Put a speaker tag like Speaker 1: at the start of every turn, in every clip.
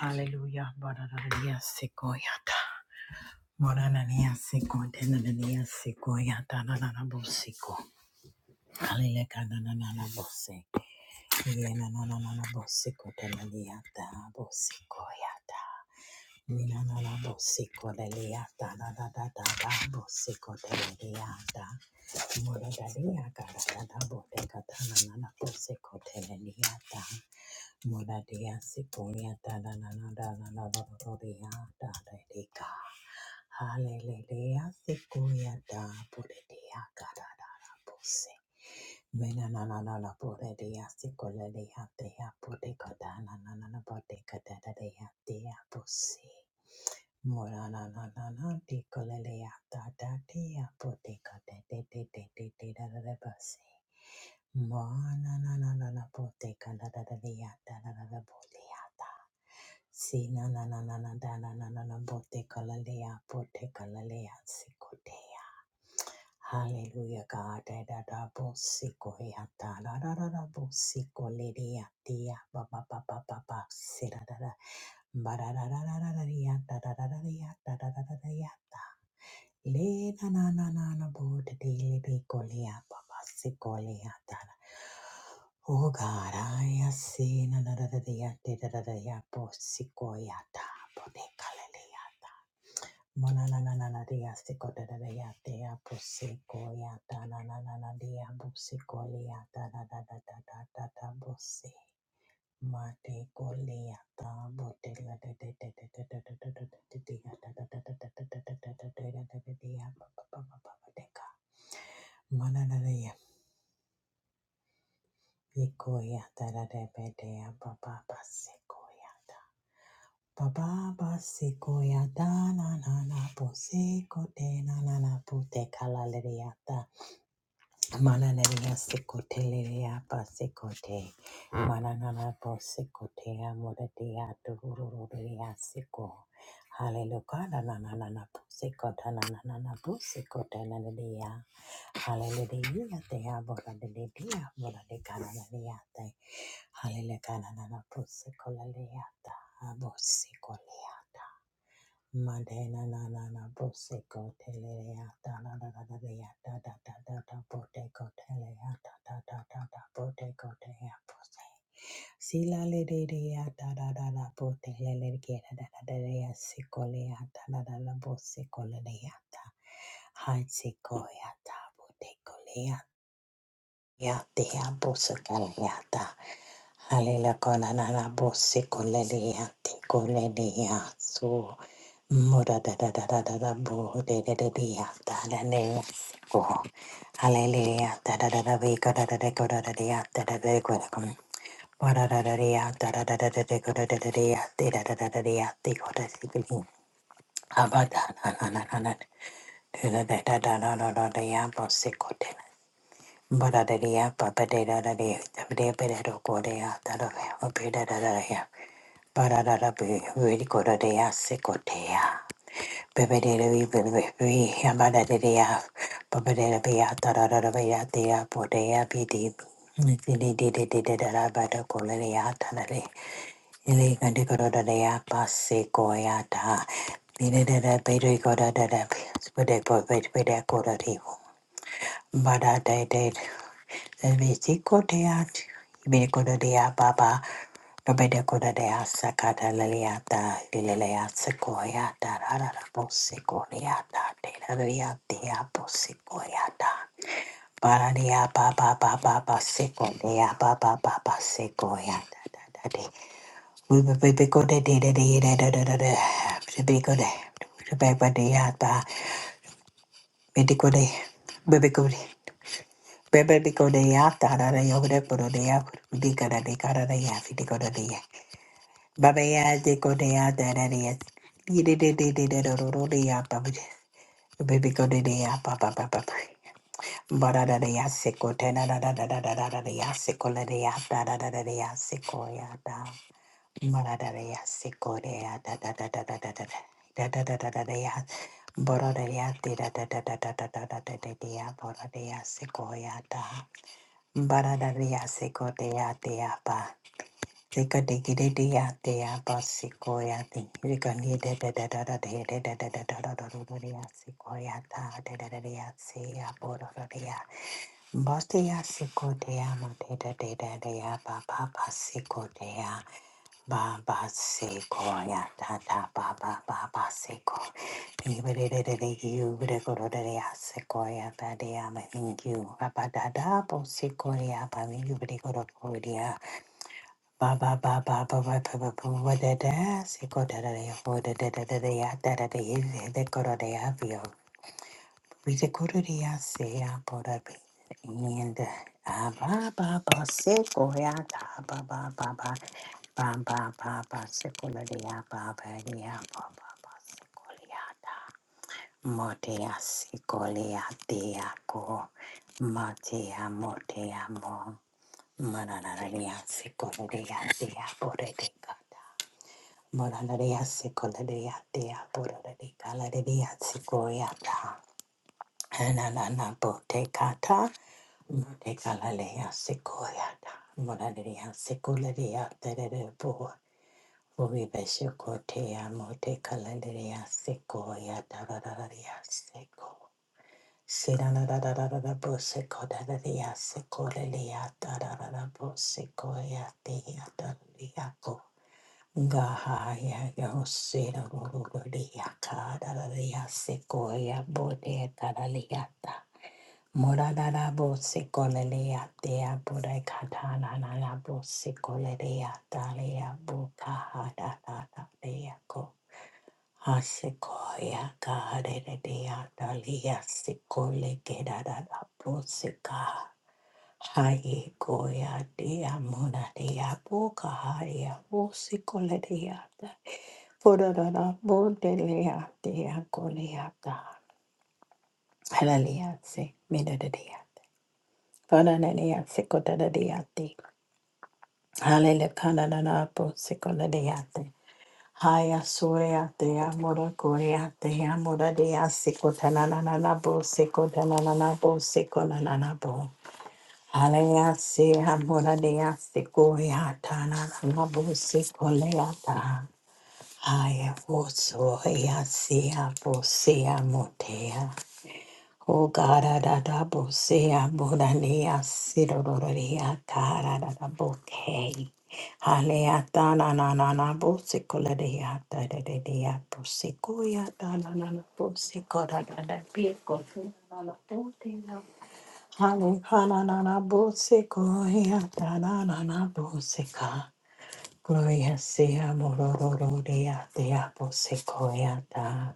Speaker 1: Hallelujah. Bararariya sikoyata. Morarariya sikonte nananiya sikoyata nananabo siko. Halileka nananabo se. Ile nananabo siko tenaniyata bo sikoyata. Mina na na bo siko de lea da da da da da da bo siko de lea da mora da lea ga da da da bo de ga da na na na bo siko da mora dea siko lea da da na na da na na da da lea da da de ga hallelujah siko lea da bo de dea ga da da da bo se na na na na bo de dea siko le lea dea bo na na na na bo de ga da lea da dea Mora Si na na na na de de de de de de da da da basi. Morananananana poteka da da da dea da da da da botea da. Sinanananana da na na na na bote kalalea bote kalalea sikotea. Hallelujah God da da da bo sikoya da da da da da bo sikolelea tia ba ba ba ba ba ba si da da da. Barararararariyattarararariyattarararariyattar. Le na na na na na bo te te le te kolea papa se kolea tara. O garaya se na na na na ya te na na na ya po si koya ta po te kalele ya ta. Mona na na na na na ya se ko na na na ya te ya po si koya ta na na na na ya po si kolea ta na na na na na na na po si. Mate goliata botella de de de de de de de de de de de de de de de de de de Mananaria Ikoya da de bedea baba basikoyata Baba basikoyata na na na posiko de na na na pute kalaleriata Mananaria secotelea pasecote, mananana posecotea moratia dururia seco. Hallelujah, nananana posecota, nananana posecota, nanadia. Hallelujah, they are moradia, moradicanadia. Hallelujah, nanana posecolaleata, abosicolea. Madena na na na boseko teleya da da da da da da da da da da da boteko teleya da da da da da boteko teleya bose sila le de de ya da da da da botele le ke da da da da da ya seko le ya da da da da boseko le ya da hai seko ya da boteko Yati Abusakayata Halila Konanana Busi Kuleliati kolelia Su Muda da da da da da da bu de de de dia ya da da ne go hallelujah da da da da we da da da go da da de ko da da dia da go da come ba da kom. Wada da da de da da da da da de go da da da de de da da da da de de go da si bi ha na na na na na de da da da da da da da da ya bo si go de Baradaria, papadadaria, dabdebedado kodea, dadavea, bedadadaria, baradabi, vidikodadea, sekotea, bebedadavi, bebevi, abadadaria, papadadavia, dadadadavia, dea, podea, bidi, dididididididada, kolea, tadade, ilega, dekodadadea, pasekoyata, didada, bedrikodadada, spedepo, bedrekodadivo, Bada day day Vechikodea, Iberikodea Baba, Robedekodea Sakadaleata, Lilea Sequoiata, Rarabosicoleata, Telaria Posicoyata, Paradia Baba Baba Sequoia Baba Baba Sequoiata. We will be good at it. Be good. Be good. Be good. Bebe biko de ya tara de yo de poro de ya de cara de cara de ya fi de de ya. Baba ya de ko de ya tara de ya. Di de de de de de de ro ro de ya pa bu de. Bebe ko de de ya pa pa pa pa pa. Bara da de ya se ko te na da da da da da da da de ya se ko le de ya da da da da de ya se ko ya da. Bara da de ya se ko de ya da da da da da da da da da da da da da de ya. Bara da ya de da da da da da da da da da de ya bara de ya se ko ya da. Barada ria seko de ya de ya ba. Seko de gide de ya de ya ba seko ya de. Seko ni de de de de de de de de de de de de de de de ya seko ya ta de de de de ya se ya bo de de de ya. Boste ya seko de ya mo de de de de de ya ba ba ba seko Ba ba seko ya da da ba ba ba ba seko. ko. Di ba di di you di ko do di di ya se ya da di ya ma you. Ba ba da da bo seko ya ba me you di ko do ko ya. Ba ba ba ba ba ba ba ba ba ba da da se ko da da ya ko da da da da da ya da da da ya da da ko do di ya Vitikuririasea Borabe and ba ba ba sekoya ta ba ba ba ba ta Abba ba ba ba Baba ba ba Baba Sequoia Baba Nia Baba Sequoia Motea Sequoia ko Motea Motea Mo Mananaria Sequoia Dea Boretica ta Mananaria Sequoia Dea Boretica Laria Sequoia Hanananabotekata, Motekalaleya Sequoyata, Monadea Secularia Terebo, Viveshokotea Motekalaleya Sequoia Dadaria Seco. Siranadadadadabo Secodadaria Secolalia Dadadabo Sequoia Dea Dadariaco. Gahaya Yosira Rulia Cadadaria Sequoia Bodea Dadaliata. Morada Moradabo sikolelea dea bude katana nanabo sikolelea dalea buka hada hada dea ko. Hasikoya kahadere dea dalia sikole gedada bo sika. Haye goya dea mona dea buka haya bo sikoledea da. Purada bo delea dea kolea da. Hallelujah, say, Minadea. Kanananiate kodadadiate. Halele kanananapo sekoladiate. Haya suriate amora kuriate amora dia sikotanananabo sikotanananabo sikolananabo. Halea se amora dia sikoriata nanabo sikoleata. Haya wosoya se apo se amotea. Ko gara da da bo se a bo da ne a si do do do re a gara da da bo ke. Hale a ta na na na na bo se ko la de a ta de de de a bo se ko ya ta na na na bo se ko da da da pi ko se na na bo te na. Hale ha na na na bo se ko ya ta na na na bo se ka. Gloria sea mororo de a te a bo se ko ya ta.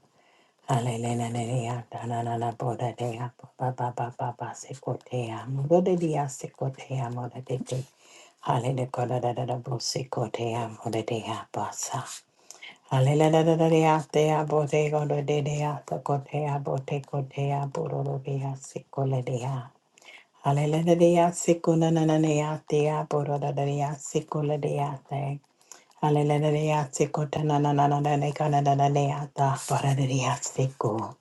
Speaker 1: Hallelujah, da na na na, bo da dea, bo ba ba ba ba ba, se ko dea, mo do de dea, se ko dea, mo da de de. Hallelujah, ko da da da da, bo se ko dea, mo da dea, ba sa. Hallelujah, da da da dea, dea, bo de go do de dea, se ko dea, bo te ko dea, bo do do dea, se ko le dea. Hallelujah, da dea, se ko na na na dea, dea, bo do da da dea, se ko le dea, dea. Hallelujah, da dea, se ko ta na na na na na, ne ka na na na dea, da, ba da da dea, se ko.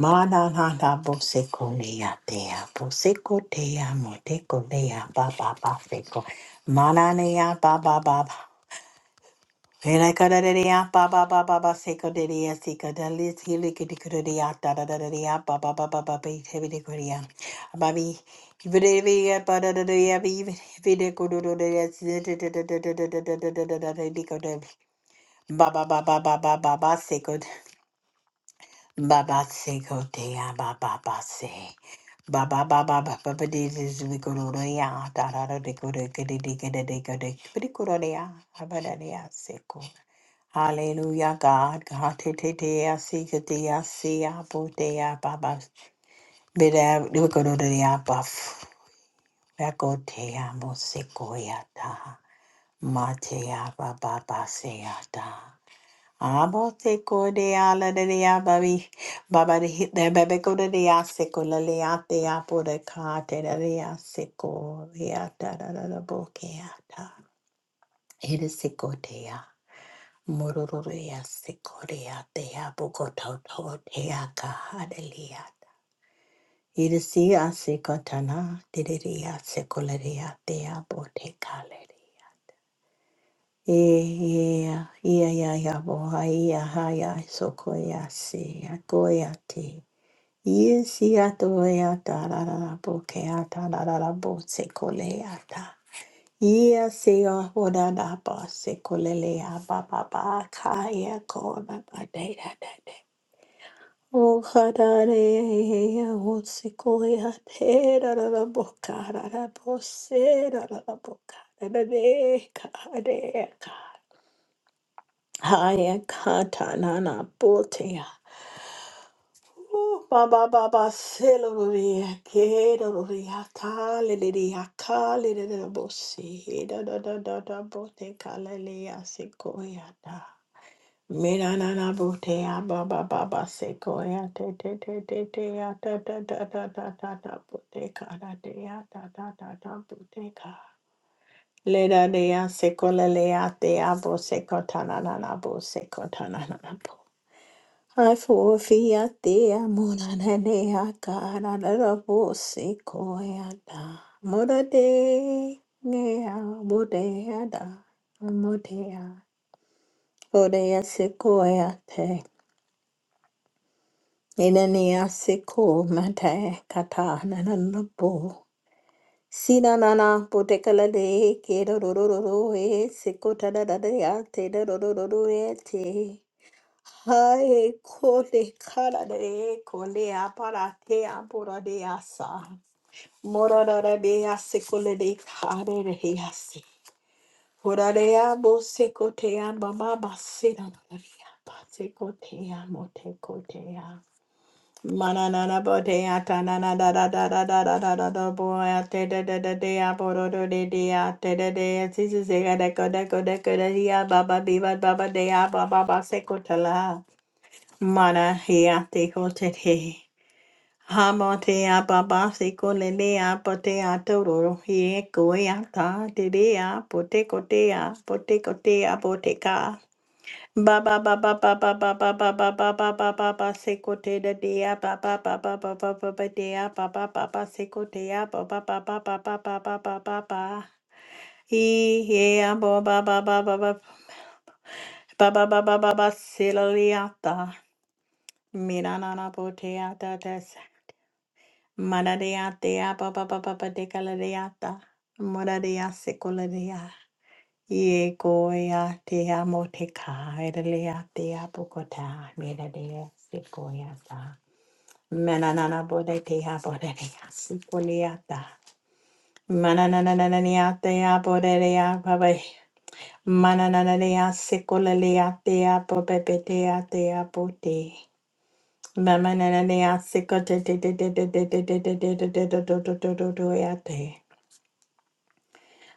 Speaker 1: Mana na na bo se ko lea dea, bo se ko dea, mo te ko lea, ba ba ba se ko. Mana nea, ba ba ba ba. Vela kada de dea, ba ba ba ba ba se ko de dea, se ko de li si li ki di ko de dea, da da da da dea, ba ba ba ba ba ba, te vi de ko dea. Ba vi, vi de vi ya, ba da da da ya, vi vi de ko do do de ya, si de de de de de de de de de de de de de de de ko de. Ba ba ba ba ba ba ba ba se ko. Baba se go te baba se. Baba baba baba de de ya da de go de de de de de go de ya ba de ya se Hallelujah, God, God, te te te ya se go ya se ya bo te ya baba. Be de go ya ba f. te ya mo se ya da. Ma te ya baba se ya da. Amo te kodea la de dea babi baba de hit de bebe ko de dea seko la lea te apo de ka te de dea seko lea ta da da da bo ke ata e de seko dea mororo dea seko dea te apo ko tau tau te a ka ha de lea ta e si a seko tana de de dea seko la dea te apo te ka Yeah, yeah, yeah, yeah, boy, yeah, yeah, so koya see, I koya tea. Yes, yeah, to ya da da da da, bokea da da da da, bo se kolea da. Yeah, see, oh, oh, da da, ba se kolelea, ba ba ba, kaya ko, ba ba, da da da da. Oh, ha da de, yeah, oh, se koya te, da da da, boka, da da, bo se, da da da, boka, da da de, ka de, ka. Haya katanana potea. Ba ba ba ba seloria kedoria talidia kalida bosi da da da da da bote kalalia sequoia da. Miranana botea ba ba ba ba sequoia te te te te te ya da da da da da da da bote da dea da da da da bote ka. Leda dea sequoia lea dea bo secotanana bo secotanana bo. Haifofi ya te a mona na ne a ka na na na se ko e a da. Mora de ne a mo a da. A mo de a. O de a se ko e a te. E na ne a se ko ma te ka ta na na na po. Si na na po te ka de ke ro ro ro ro ro e se ko ta da da de a te ro ro ro ro e te. Hae kole kara de kole apara te apora de asa. Morara de de ase kole de kare de he ase. Ora de abo se kote a mama basira na de apa se kote a mote kote a. Mananana bote a tanana da da da da da da da da da boy te da da da de a poro de de te da de a si si se ga de ko de baba biba baba de baba ba se kote Mara hea te ko te he. Hamo te a baba se ko le lea po te a tauroro he e koe a tā te rea po te ko te a po te ko te a po te kā. Baba baba baba baba baba baba baba baba se ko te da de rea baba baba baba baba de a baba baba se ko te a baba baba baba baba baba baba. He he a bo baba baba baba baba baba baba se lo lea tā. Mira na na po te a tā Marareatea papa papa pate calareata. Morarea secularia. Ye goya te amo te ka. Erelea te apocota. Miradea secoyata. Mananana bode te aborea secoliata. Manananania te aborea babe. Mananania secolalia te apopepetea te apote. Mamananania secote te te te te te te te te te te te te te te te te te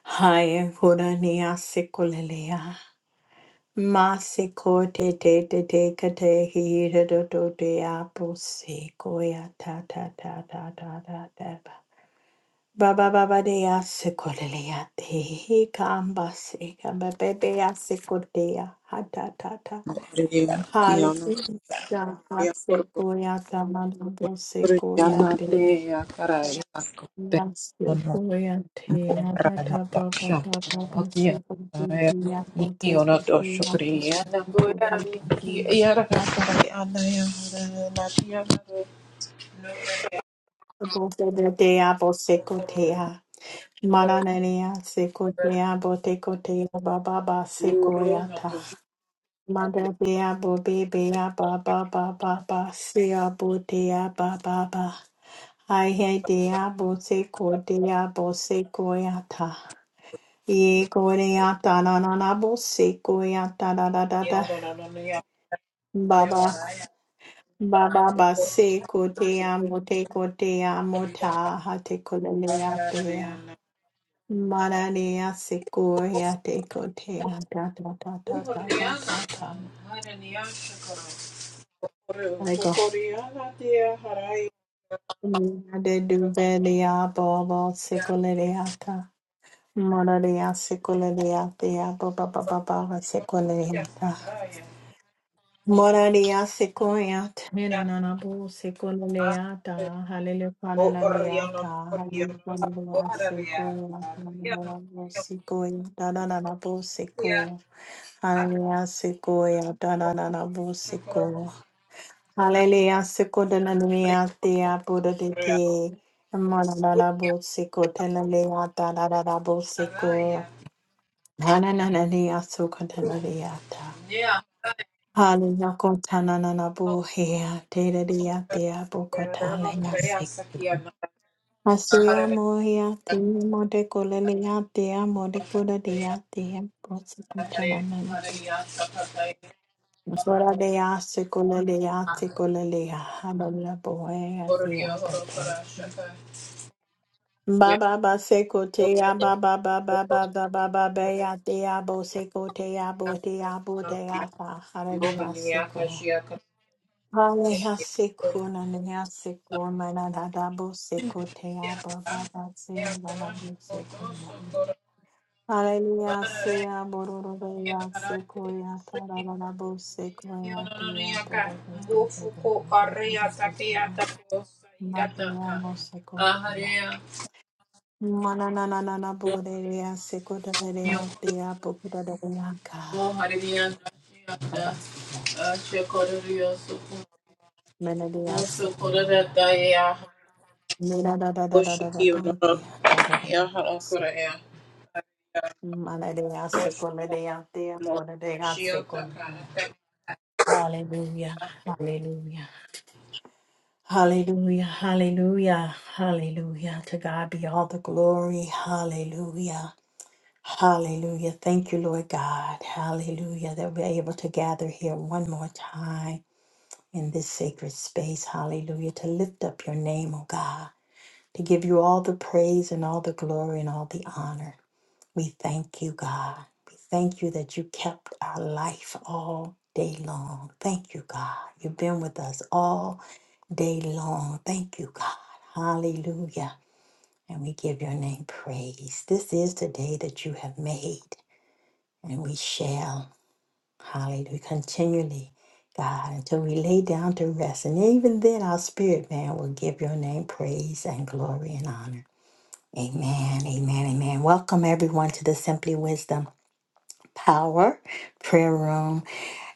Speaker 1: Haya kurania sekulelea. Masiko te te te te kate hira do do de apo sequoia ta ta ta ta ta ta ta ba. Ba ba ba ba de a sekulelea te he kamba se kamba bebe a sekulea ha ta ta ta.
Speaker 2: Maria Kiana
Speaker 1: Hallelujah. Ha
Speaker 2: Yakoro
Speaker 1: sequoia ta ma do do sequoia
Speaker 2: Yana de
Speaker 1: te.
Speaker 2: Yakara Yakote
Speaker 1: Namaste,
Speaker 2: Ono
Speaker 1: Koyante,
Speaker 2: Morana
Speaker 1: Adada Baba
Speaker 2: Baksha
Speaker 1: Baba
Speaker 2: Akia
Speaker 1: Basi,
Speaker 2: Niki
Speaker 1: Koyante,
Speaker 2: Ono to Shukri Yana Boya Niki
Speaker 1: Koyante,
Speaker 2: Yara Kare Ana Yara Natia
Speaker 1: Bote de Dea, Bose Kotea, Maranea, Sekotea, Bote Kotea, Baba Basi
Speaker 2: Uru no
Speaker 1: Koyata,
Speaker 2: to Shukri
Speaker 1: Mother Bea, Bobe Bea, Baba Baba Basia, Botea, Baba Baba. Ai hei dea bo se ko dea bo se koe ata. Ye korea ta na na na bo se korea ta da da da da.
Speaker 2: Ono no no no Yakara
Speaker 1: Baba
Speaker 2: Yakara
Speaker 1: baba ba se kotea mote kotea mota ha te kolelea
Speaker 2: Yakara
Speaker 1: pea.
Speaker 2: Yakara
Speaker 1: Mararea se korea te kotea ta ta ta ta ta ta ta
Speaker 2: Uhoriana
Speaker 1: ta.
Speaker 2: ta haraniya shakaro.
Speaker 1: I go.
Speaker 2: Uhoriana tia haraya
Speaker 1: De duvelia bobo se kolerea ta. Mararea se kolerea pea baba baba baba se kolerea
Speaker 2: tia
Speaker 1: ta.
Speaker 2: stakaraya.
Speaker 1: Moraria sequoiat.
Speaker 2: Ya
Speaker 1: Hinanabo
Speaker 2: haraya.
Speaker 1: sequoiata.
Speaker 2: Uhoriana
Speaker 1: Hallelujahananeata.
Speaker 2: uhoriana
Speaker 1: Hallelujah
Speaker 2: uhorariya.
Speaker 1: sequoiata.
Speaker 2: Uhoriana
Speaker 1: Nanabo
Speaker 2: uhoriya
Speaker 1: sequoiata. Nanabo
Speaker 2: tia
Speaker 1: sequo. Hallelujah sequoiata. Nanabo
Speaker 2: shakaro.
Speaker 1: sequo. Hallelujah sequoiata. Buddha
Speaker 2: Uhoriya
Speaker 1: deke.
Speaker 2: uhoriya
Speaker 1: Moranabo sequoiata. Nanabo sequo.
Speaker 2: haraya
Speaker 1: Hananania
Speaker 2: tia.
Speaker 1: sequoiata.
Speaker 2: Ya haraya.
Speaker 1: Hallelujah. Kontanana bohea, tere dia tea bokotale
Speaker 2: Rama karaya
Speaker 1: yasik.
Speaker 2: sakiya na
Speaker 1: Asia
Speaker 2: haraya.
Speaker 1: mohia, te mode kolelea, te mode koda dia, te posi
Speaker 2: Hare
Speaker 1: kontanana
Speaker 2: Hare
Speaker 1: bo.
Speaker 2: Sakata
Speaker 1: Sora de ase kolelea, te kolelea, habala bohea, te
Speaker 2: Oreo Horokora
Speaker 1: abote.
Speaker 2: Shaka
Speaker 1: Baba ba seko te aba Baba ba ba ba ba ba ba ba ya te abo seko te abo te abo te ata hara de
Speaker 2: Mohania
Speaker 1: aseko.
Speaker 2: Kashia
Speaker 1: Hallelujah, Sekuna, Nina, Sekuna, Nadabo, Sekotea, Baba, Batsea, Lalabu, Sekuna. Hallelujah, Sea, Bororoya, Sequoia, Tarabo, Sequoia, Tia, Bora,
Speaker 2: Mbufuko Aria Takia Tako Sayataka
Speaker 1: Napiamo, Secotea.
Speaker 2: Aharea
Speaker 1: Mananana,
Speaker 2: Hi,
Speaker 1: Borea, Secotea, Tia, Bora, Blanca, Nabase, Menedia, Sequoia, Nina da da da da da da. booty. Da da da. Manadea secundea dea, bonadea secundea. Hallelujah, hallelujah, hallelujah, hallelujah, hallelujah. To God be all the glory. Hallelujah, hallelujah. Thank you, Lord God. Hallelujah, that we're able to gather here one more time in this sacred space. Hallelujah, to lift up your name, oh God, to give you all the praise and all the glory and all the honor. We thank you, God. We thank you that you kept our life all day long. Thank you, God. You've been with us all day long. Thank you, God. Hallelujah. And we give your name praise. This is the day that you have made, and we shall, hallelujah, continually, God, until we lay down to rest. And even then, our spirit man will give your name praise and glory and honor. Amen, amen, amen. Welcome everyone to the Simply Wisdom. Power Prayer Room.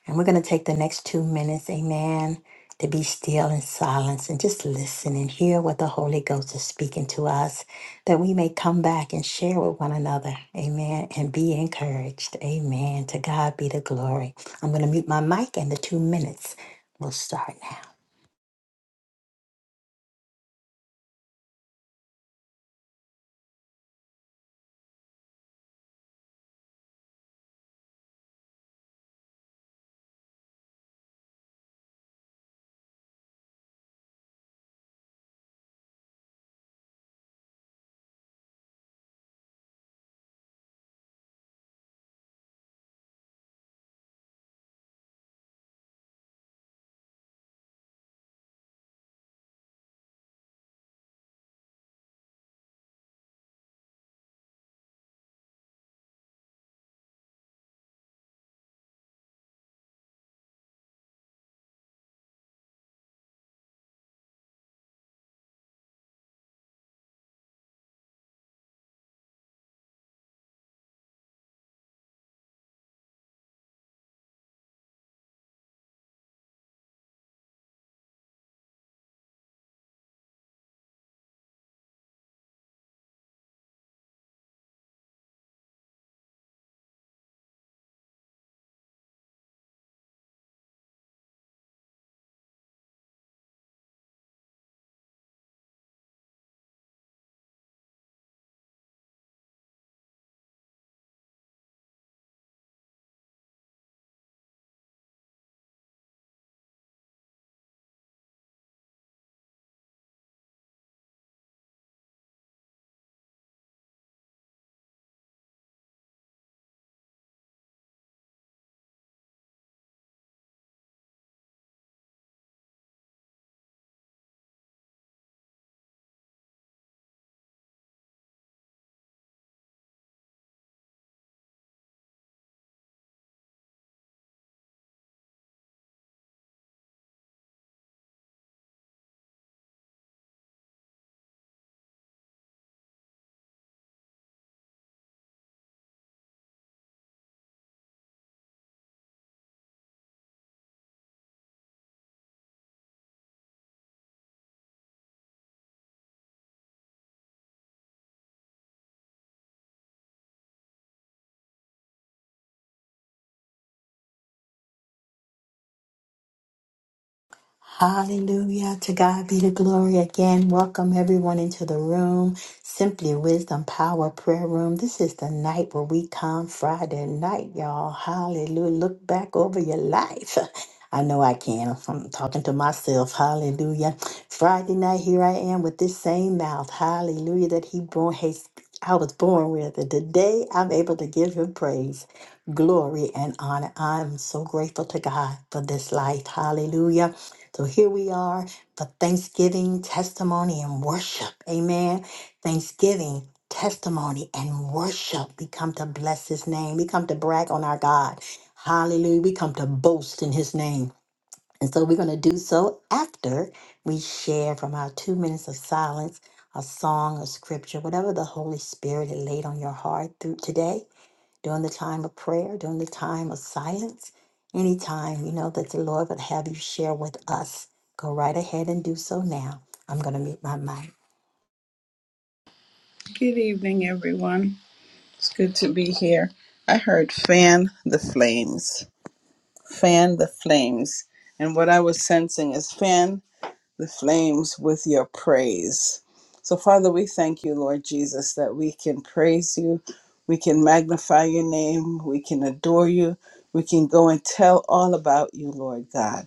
Speaker 1: And we're going to take the next two minutes, amen, to be still in silence and just listen and hear what the Holy Ghost is speaking to us, that we may come back and share with one another, amen, and be encouraged, amen. To God be the glory. I'm going to mute my mic, and the two minutes will start now. Hallelujah. To God be the glory again. Welcome everyone into the room. Simply Wisdom Power Prayer Room. This is the night where we come Friday night, y'all. Hallelujah. Look back over your life. I know I can. I'm talking to myself. Hallelujah. Friday night, here I am with this same mouth. Hallelujah. That he born, has, I was born with. And today I'm able to give him praise, glory, and honor. I'm so grateful to God for this life. Hallelujah. So here we are for Thanksgiving, testimony, and worship. Amen. Thanksgiving, testimony, and worship. We come to bless his name. We come to brag on our God. Hallelujah. We come to boast in his name. And so we're going to do so after we share from our two minutes of silence a song, a scripture, whatever the Holy Spirit had laid on your heart through today during the time of prayer, during the time of silence, any time you know that the Lord would have you share with us. Go right ahead and do so now. I'm going to mute my mic.
Speaker 3: Good evening, everyone. It's good to be here. I heard fan the flames, fan the flames. And what I was sensing is fan the flames with your praise. So, Father, we thank you, Lord Jesus, that we can praise you, we can magnify your name, we can adore you, we can go and tell all about you, Lord God.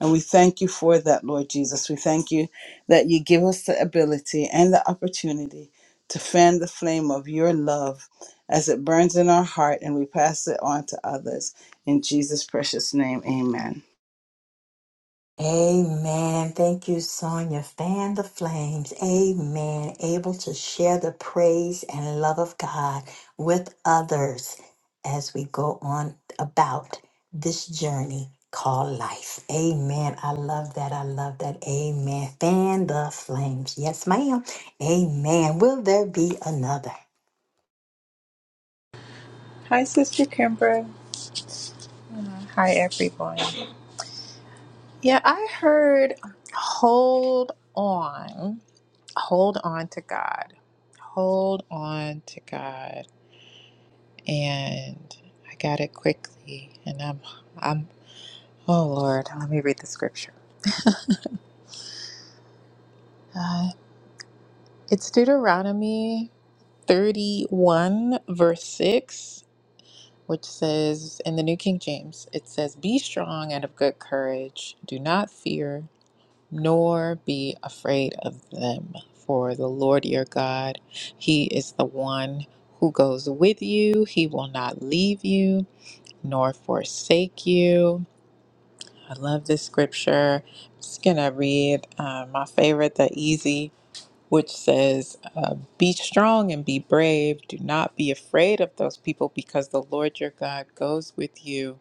Speaker 3: And we thank you for that, Lord Jesus. We thank you that you give us the ability and the opportunity to fan the flame of your love as it burns in our heart and we pass it on to others. In Jesus' precious name, amen.
Speaker 1: Amen. Thank you, Sonia. Fan the flames. Amen. Able to share the praise and love of God with others as we go on about this journey called life. Amen. I love that. I love that. Amen. Fan the flames. Yes, ma'am. Amen. Will there be another?
Speaker 2: Sister Kimber. Hi, everyone. Yeah, I heard hold on. Hold on to God. Hold on to God. and I got it quickly. And I'm, I'm, oh Lord, let me read the scripture. Uh, it's Deuteronomy 31, verse 6, which says, in the New King James, it says, Be strong and of good courage. Do not fear, nor be afraid of them. For the Lord your God, he is the one who goes with you. He will not leave you nor forsake you. I love this scripture. I'm just going to read uh, my favorite, the easy, which says, uh, Be strong and be brave. Do not be afraid of those people because the Lord your God goes with you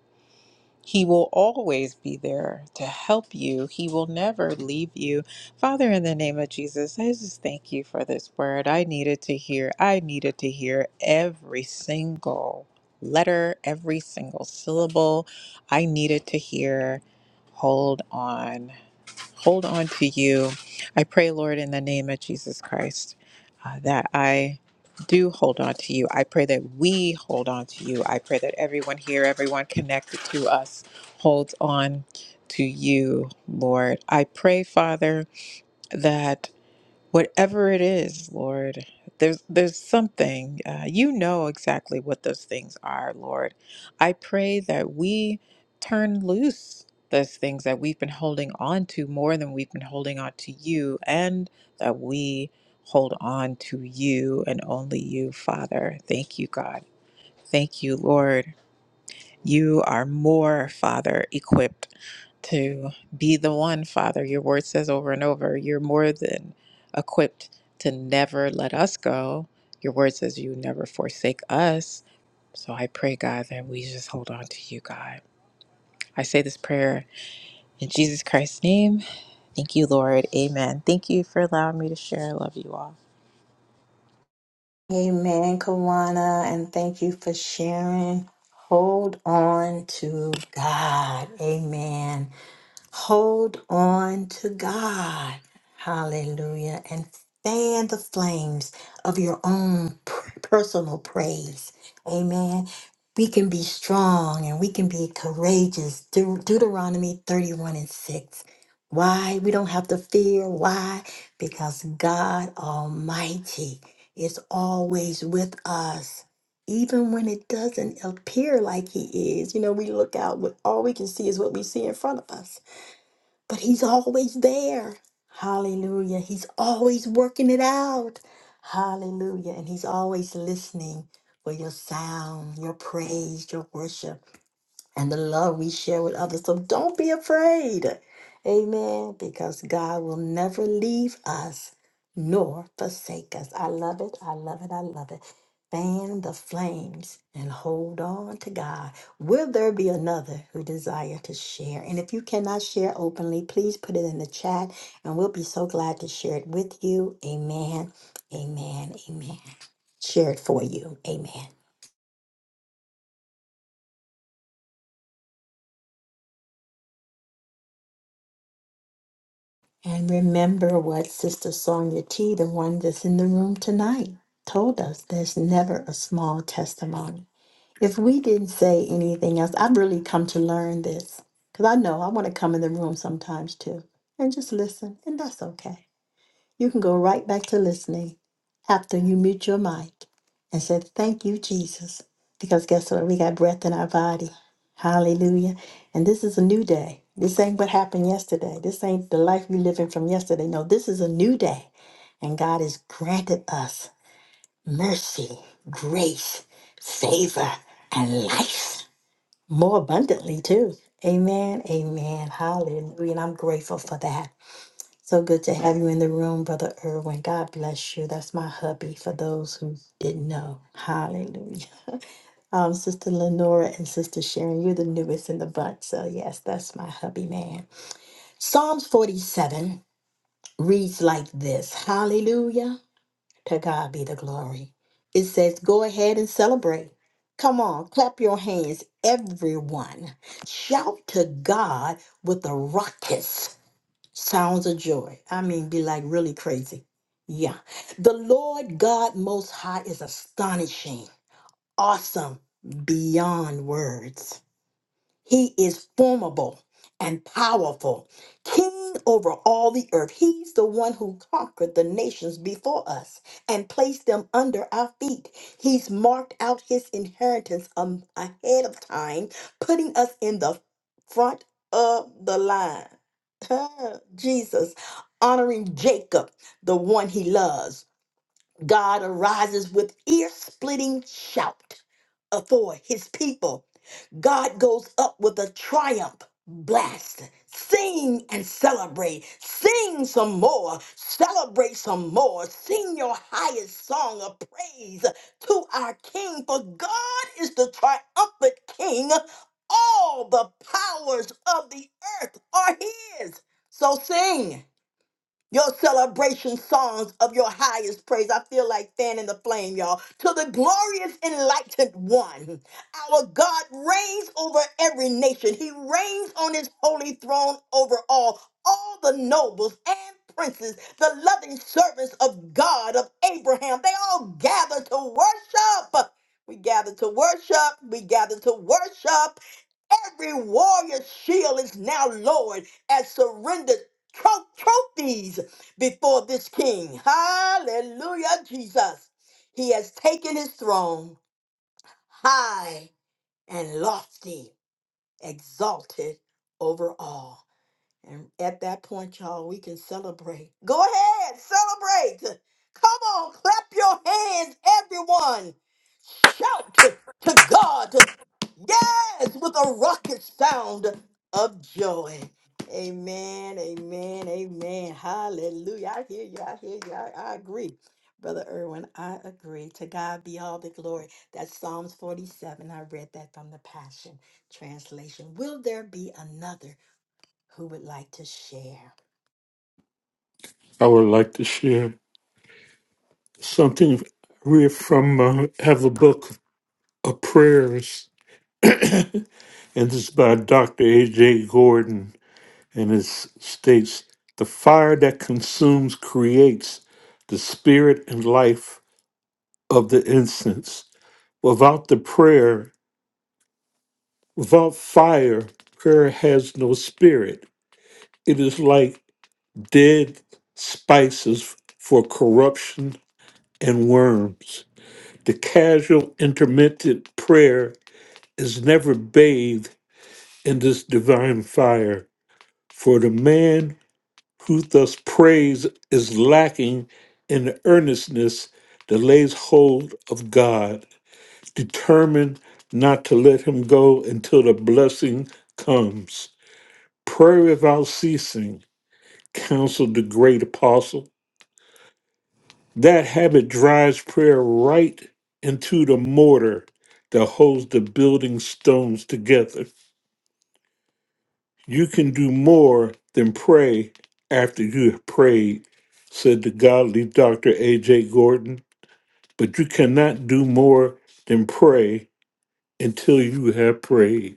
Speaker 2: he will always be there to help you. He will never leave you. Father, in the name of Jesus, I just thank you for this word. I needed to hear, I needed to hear every single letter, every single syllable. I needed to hear, hold on hold on to you. I pray, Lord, in the name of Jesus Christ, uh, that I do hold on to you. I pray that we hold on to you. I pray that everyone here, everyone connected to us, holds on to you, Lord. I pray, Father, that. Whatever it is, Lord, there's there's something. Uh, you know exactly what those things are, Lord. I pray that we turn loose those things that we've been holding on to more than we've been holding on to you, and that we hold on to you and only you, Father. Thank you, God. Thank you, Lord. You are more, Father, equipped to be the one, Father. Your word says over and over, you're more than equipped to never let us go. Your word says you never forsake us. So I pray, God, that we just hold on to you, God. I say this prayer in Jesus Christ's name. Thank you, Lord. Amen. Thank you for allowing me to share. I love you all.
Speaker 1: Amen, Kawana. And thank you for sharing. Hold on to God. Amen. Hold on to God. Hallelujah. And fan the flames of your own pr- personal praise. Amen. We can be strong and we can be courageous. De- Deuteronomy 31 and 6. Why? We don't have to fear. Why? Because God Almighty is always with us. Even when it doesn't appear like He is, you know, we look out, what all we can see is what we see in front of us but he's always there. Hallelujah. He's always working it out. Hallelujah. And he's always listening for your sound, your praise, your worship and the love we share with others. So don't be afraid. Amen. Because God will never leave us nor forsake us. I love it. I love it. I love it. Fan the flames and hold on to God. Will there be another who desire to share? And if you cannot share openly, please put it in the chat and we'll be so glad to share it with you. Amen. Amen. Amen. Share it for you. Amen. And remember what Sister Sonia T, the one that's in the room tonight, told us there's never a small testimony. If we didn't say anything else, I've really come to learn this because I know I want to come in the room sometimes too and just listen, and that's okay. You can go right back to listening after you mute your mic and say, Thank you, Jesus. Because guess what? We got breath in our body. Hallelujah. And this is a new day. This ain't what happened yesterday. This ain't the life we living from yesterday. No, this is a new day. And God has granted us mercy, grace, favor, and life more abundantly, too. Amen. Amen. Hallelujah. And I'm grateful for that. So good to have you in the room, Brother Irwin. God bless you. That's my hubby for those who didn't know. Hallelujah. Um, Sister Lenora and Sister Sharon, you're the newest in the bunch. So, yes, that's my hubby, man. Psalms 47 reads like this Hallelujah. To God be the glory. It says, Go ahead and celebrate. Come on, clap your hands, everyone. Shout to God with a ruckus. Sounds of joy. I mean, be like really crazy. Yeah. The Lord God Most High is astonishing, awesome, beyond words. He is formidable and powerful, king over all the earth. He's the one who conquered the nations before us and placed them under our feet. He's marked out his inheritance um, ahead of time, putting us in the front of the line. Jesus honoring Jacob, the one he loves. God arises with ear splitting shout uh, for his people God goes up with a triumph blast. Sing and celebrate. Sing some more. Celebrate some more. Sing your highest song of praise to our King, for God is the triumphant King. All the powers of the earth are His. So sing your celebration songs of your highest praise. I feel like fanning the flame, y'all. To the glorious enlightened one, our God reigns over every nation. He reigns on his holy throne over all, all the nobles and princes, the loving servants of God, of Abraham. They all gather to worship. We gather to worship. We gather to worship. Every warrior shield is now lowered as surrender tro- trophies before this king. Hallelujah, Jesus. He has taken his throne high and lofty, exalted over all. And at that point, y'all, we can celebrate. Go ahead, celebrate. Come on, clap your hands, everyone. Shout to God. Yes, with a rocket sound of joy. Amen, amen, amen. Hallelujah. I hear you. I hear you. I, I agree. Brother Irwin, I agree. To God be all the glory. That's Psalms 47. I read that from the Passion Translation. Will there be another? who would like to share.
Speaker 4: I would like to share something read from uh, have a book of prayers, and it's by Dr. A.J. Gordon, and it states the fire that consumes creates the spirit and life of the incense. Without the prayer, without fire, prayer has no spirit. It is like dead spices for corruption and worms. The casual intermittent prayer is never bathed in this divine fire, for the man who thus prays is lacking in the earnestness that lays hold of God, determined not to let him go until the blessing comes. Prayer without ceasing, counseled the great apostle That habit drives prayer right into the mortar that holds the building stones together. You can do more than pray after you have prayed, said the godly Dr. A.J. Gordon, but you cannot do more than pray until you have prayed.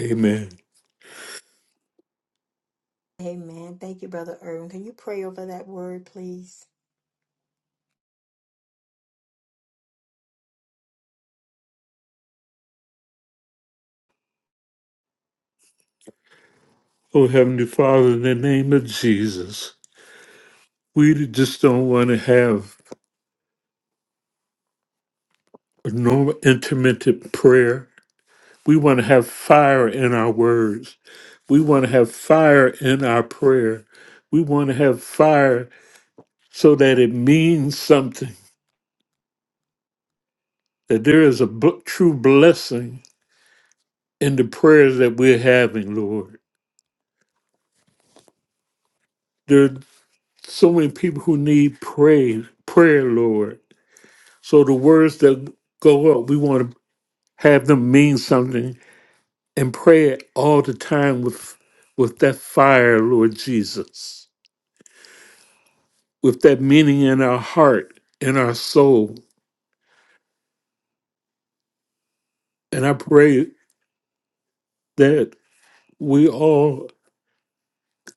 Speaker 4: Amen.
Speaker 1: Amen. Thank you, Brother Irvin. Can you pray over that word, please?
Speaker 4: Oh, Heavenly Father, in the name of Jesus, we just don't want to have a normal intermittent prayer We want to have fire in our words. We want to have fire in our prayer. We want to have fire so that it means something, that there is a b- true blessing in the prayers that we're having, Lord. There are so many people who need praise, prayer, Lord. So the words that go up, we want to have them mean something and pray it all the time with, with that fire, Lord Jesus. with that meaning in our heart, in our soul. And I pray that we all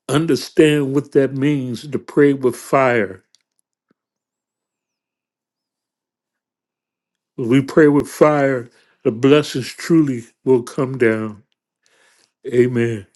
Speaker 4: understand what that means to pray with fire. If we pray with fire, the blessings truly will come down. Amen.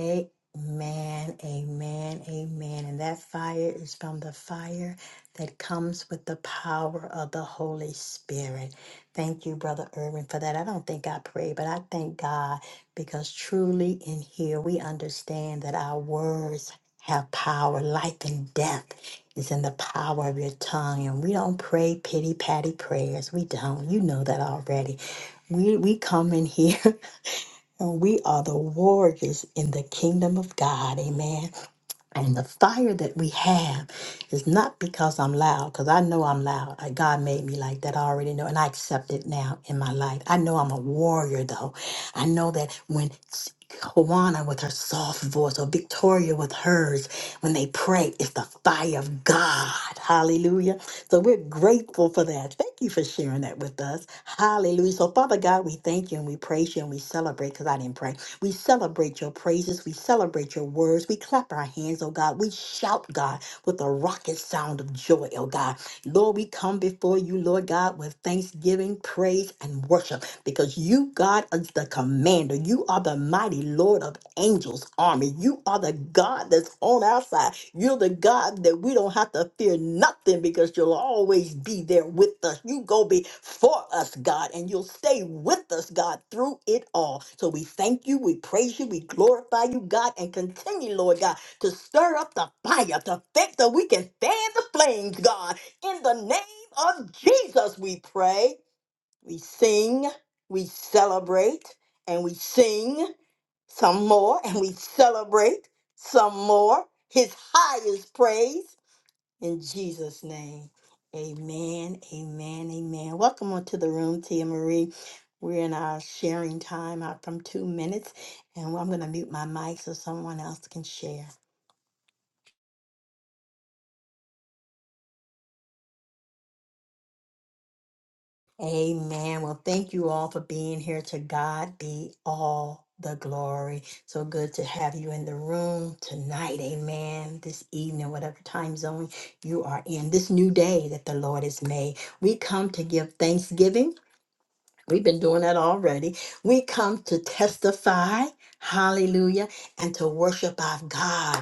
Speaker 1: Amen, amen, amen. And that fire is from the fire that comes with the power of the Holy Spirit. Thank you, Brother Irvin, for that. I don't think I prayed, but I thank God because truly in here we understand that our words have power. Life and death is in the power of your tongue. And we don't pray pity patty prayers. We don't. You know that already. We, we come in here And we are the warriors in the kingdom of God. Amen. And the fire that we have is not because I'm loud, because I know I'm loud. Uh, God made me like that. I already know, and I accept it now in my life. I know I'm a warrior, though. I know that when S- Kawana with her soft voice or Victoria with hers, when they pray, it's the fire of God. Hallelujah. So we're grateful for that. Thank you for sharing that with us. Hallelujah. So, Father God, we thank you and we praise you and we celebrate because I didn't pray. We celebrate your praises. We celebrate your words. We clap our hands, oh God. We shout, God, with a rocket sound of joy, oh God. Lord, we come before you, Lord God, with thanksgiving, praise, and worship because you, God, is the commander. You are the mighty Lord of angels' army. You are the God that's on our side. You're the God that we don't have to fear nothing because you'll always be there with us. You go before us, God, and you'll stay with us, God, through it all. So we thank you, we praise you, we glorify you, God, and continue, Lord God, to stir up the fire, to think that we can fan the flames, God. In the name of Jesus, we pray. We sing, we celebrate, and we sing some more, and we celebrate some more. His highest praise in Jesus' name. Amen, amen, amen. Welcome onto the room, Tia Marie. We're in our sharing time out from two minutes, and I'm going to mute my mic so someone else can share. Amen. Well, thank you all for being here. To God be all the glory. So good to have you in the room tonight. Amen. This evening, whatever time zone you are in, this new day that the Lord has made. We come to give thanksgiving. We've been doing that already. We come to testify. Hallelujah. And to worship our God.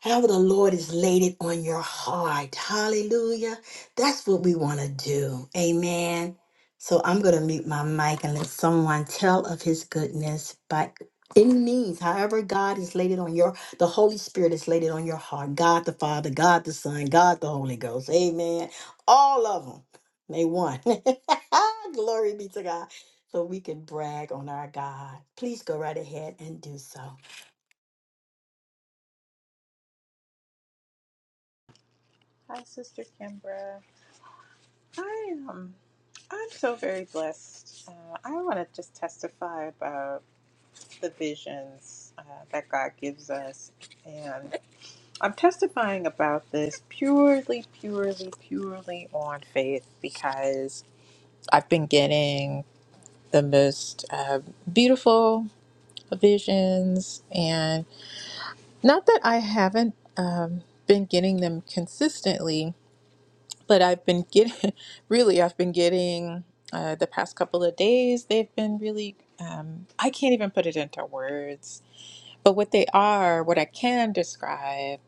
Speaker 1: However, the Lord has laid it on your heart. Hallelujah. That's what we want to do. Amen. So I'm going to mute my mic and let someone tell of his goodness by any means. However, God has laid it on your, the Holy Spirit has laid it on your heart. God the Father, God the Son, God the Holy Ghost. Amen. All of them. They one. Glory be to God. So we can brag on our God. Please go right ahead and do so.
Speaker 2: Hi, Sister Kimbra. I am. I'm so very blessed. Uh, I want to just testify about. the visions uh, that God gives us. And I'm testifying about this purely, purely, purely on faith because I've been getting the most uh, beautiful visions. And not that I haven't um, been getting them consistently, but I've been getting, really, I've been getting. Uh, the past couple of days, they've been really, um, I can't even put it into words But what they are, what I can describe,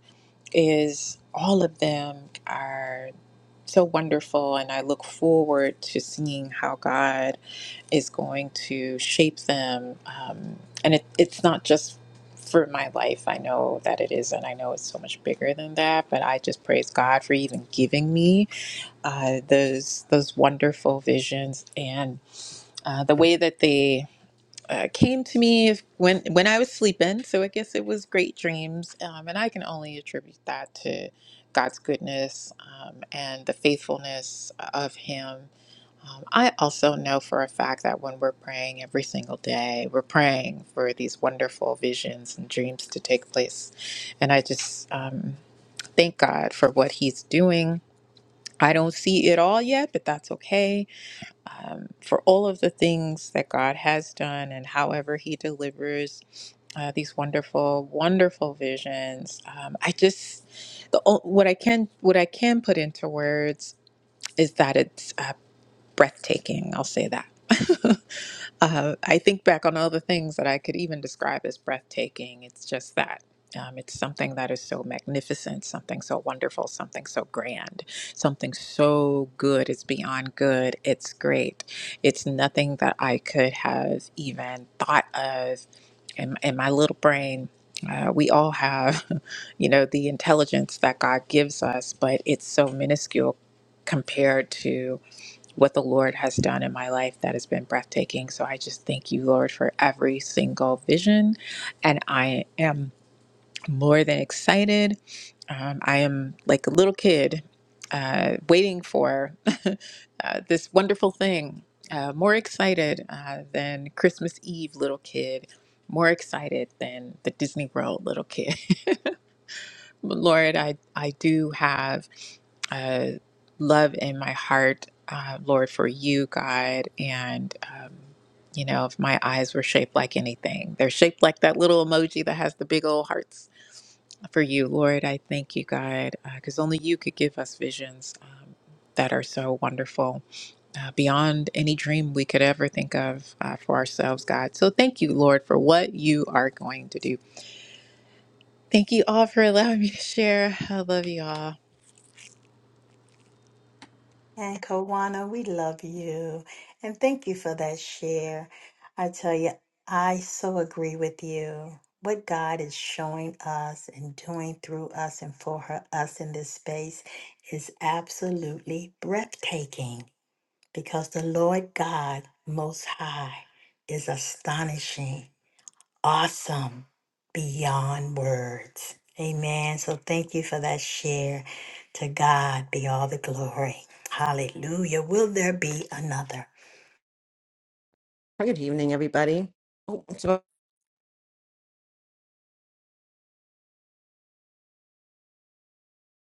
Speaker 2: is all of them are so wonderful, and I look forward to seeing how God is going to shape them. Um, and it, it's not just for my life, I know that it is, and I know it's so much bigger than that. But I just praise God for even giving me uh, those those wonderful visions and uh, the way that they uh, came to me if, when when I was sleeping. So I guess it was great dreams, um, and I can only attribute that to God's goodness um, and the faithfulness uh, of Him. Um, I also know for a fact that when we're praying every single day, we're praying for these wonderful visions and dreams to take place. And I just um, thank God for what He's doing. I don't see it all yet, but that's okay um, for all of the things that God has done and however He delivers uh, these wonderful, wonderful visions. Um, I just the o- what I can what I can put into words is that it's uh, breathtaking. I'll say that. uh, I think back on all the things that I could even describe as breathtaking. It's just that. Um, it's something that is so magnificent, something so wonderful, something so grand, something so good. It's beyond good. It's great. It's nothing that I could have even thought of in, in my little brain. Uh, we all have, you know, the intelligence that God gives us, but it's so minuscule compared to what the Lord has done in my life that has been breathtaking. So I just thank you, Lord, for every single vision. And I am more than excited. Um, I am like a little kid uh, waiting for uh, this wonderful thing, uh, more excited uh, than Christmas Eve, little kid. More excited than the Disney World little kid. Lord, I, I do have uh, love in my heart, uh, Lord, for you, God. And, um, you know, if my eyes were shaped like anything, they're shaped like that little emoji that has the big old hearts for you, Lord. I thank you, God, because only you could give us visions um, that are so wonderful uh, beyond any dream we could ever think of uh, for ourselves, God. So thank you, Lord, for what you are going to do. Thank you all for allowing me to share. I love you all.
Speaker 1: And Kawana, we love you. And thank you for that share. I tell you, I so agree with you. What God is showing us and doing through us and for her, us in this space is absolutely breathtaking because the Lord God Most High is astonishing awesome beyond words. Amen. So thank you for that share. To God be all the glory. Hallelujah. Will there be another?
Speaker 5: Good evening, everybody. Oh, so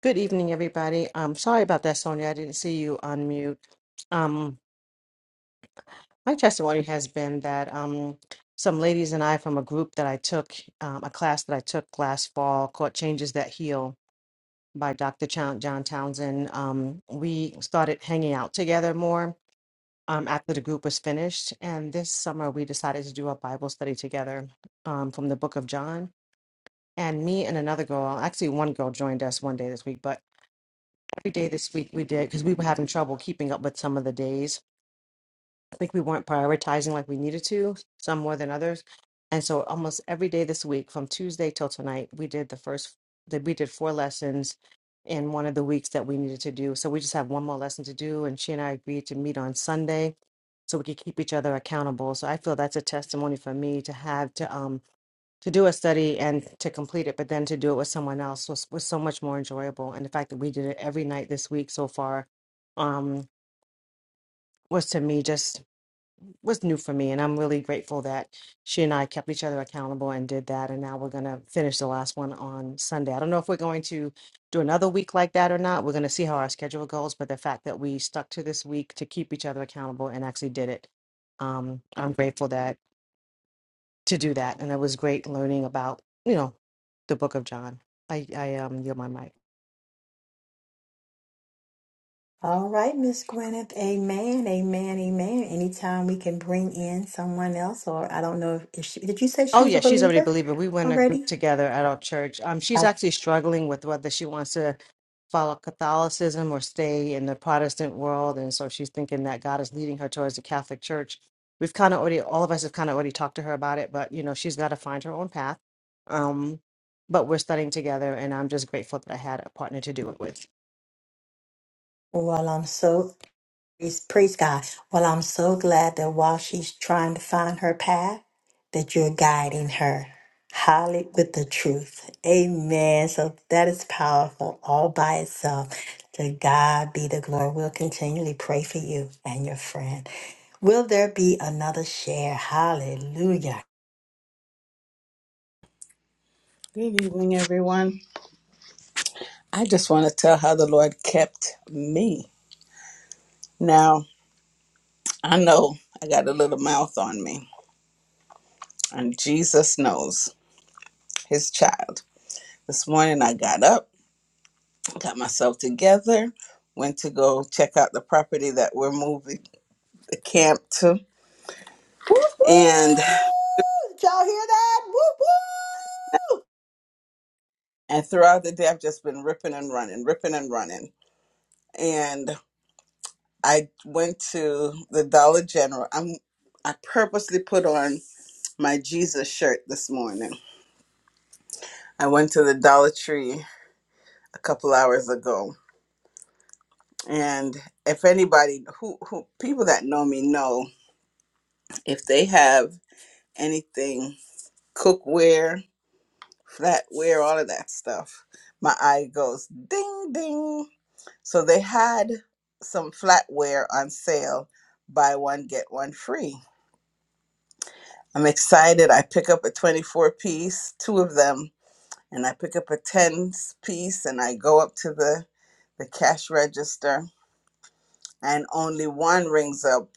Speaker 5: good evening, everybody. I'm sorry about that, Sonia. I didn't see you on mute. Um, my testimony has been that um, some ladies and I from a group that I took, um, a class that I took last fall called Changes That Heal by Dr. John, John Townsend. Um, we started hanging out together more um, after the group was finished. And this summer, we decided to do a Bible study together um, from the book of John. And me and another girl, actually, one girl joined us one day this week, but Every day this week we did because we were having trouble keeping up with some of the days. I think we weren't prioritizing like we needed to, some more than others. And so almost every day this week, from Tuesday till tonight, we did the first that we did four lessons in one of the weeks that we needed to do. So we just have one more lesson to do. And she and I agreed to meet on Sunday so we could keep each other accountable. So I feel that's a testimony for me to have to um to do a study and to complete it, but then to do it with someone else was, was so much more enjoyable. And the fact that we did it every night this week so far um, was to me just was new for me. And I'm really grateful that she and I kept each other accountable and did that. And now we're going to finish the last one on Sunday. I don't know if we're going to do another week like that or not. We're going to see how our schedule goes. But the fact that we stuck to this week to keep each other accountable and actually did it. Um, I'm grateful to do that. And it was great learning about, you know, the book of John. I, I um yield my mic.
Speaker 1: All right, Miss Gwyneth. Amen. Amen. Amen. Anytime we can bring in someone else, or I don't know if if she did you say she
Speaker 5: Oh
Speaker 1: was a
Speaker 5: yeah, she's already a
Speaker 1: believer
Speaker 5: believer. We went a group
Speaker 1: already?
Speaker 5: together at our church. Um she's
Speaker 1: I-
Speaker 5: actually struggling with whether she wants to follow Catholicism or stay in the Protestant world. And so she's thinking that God is leading her towards the Catholic Church. We've kind of already all of us have kind of already talked to her about it, but you know, she's got to find her own path. Um but we're studying together and I'm just grateful that I had a partner to do it with.
Speaker 1: Well, I'm so Praise, praise God. Well, I'm so glad that while she's trying to find her path, that you're guiding her. Holly with the truth. Amen. So that is powerful all by itself. To God be the glory. We'll continually pray for you and your friend. Will there be another share? Hallelujah.
Speaker 3: Good evening, everyone. I just want to tell how the Lord kept me. Now, I know I got a little mouth on me, and Jesus knows his child. This morning I got up. got myself together, went to go check out the property that we're moving the camp to.
Speaker 1: Woo-hoo!
Speaker 3: And
Speaker 1: Did y'all hear that? Woo-hoo!
Speaker 3: and throughout the day I've just been ripping and running, ripping and running. And I went to the Dollar General. I'm I purposely put on my Jesus shirt this morning. I went to the Dollar Tree a couple hours ago. And if anybody who, who people that know me know if they have anything cookware flatware, all of that stuff. My eye goes ding ding. So they had some flatware on sale, buy one, get one free. I'm excited. I pick up a 24 piece, two of them, and I pick up a 10 piece and I go up to the, the cash register and only one rings up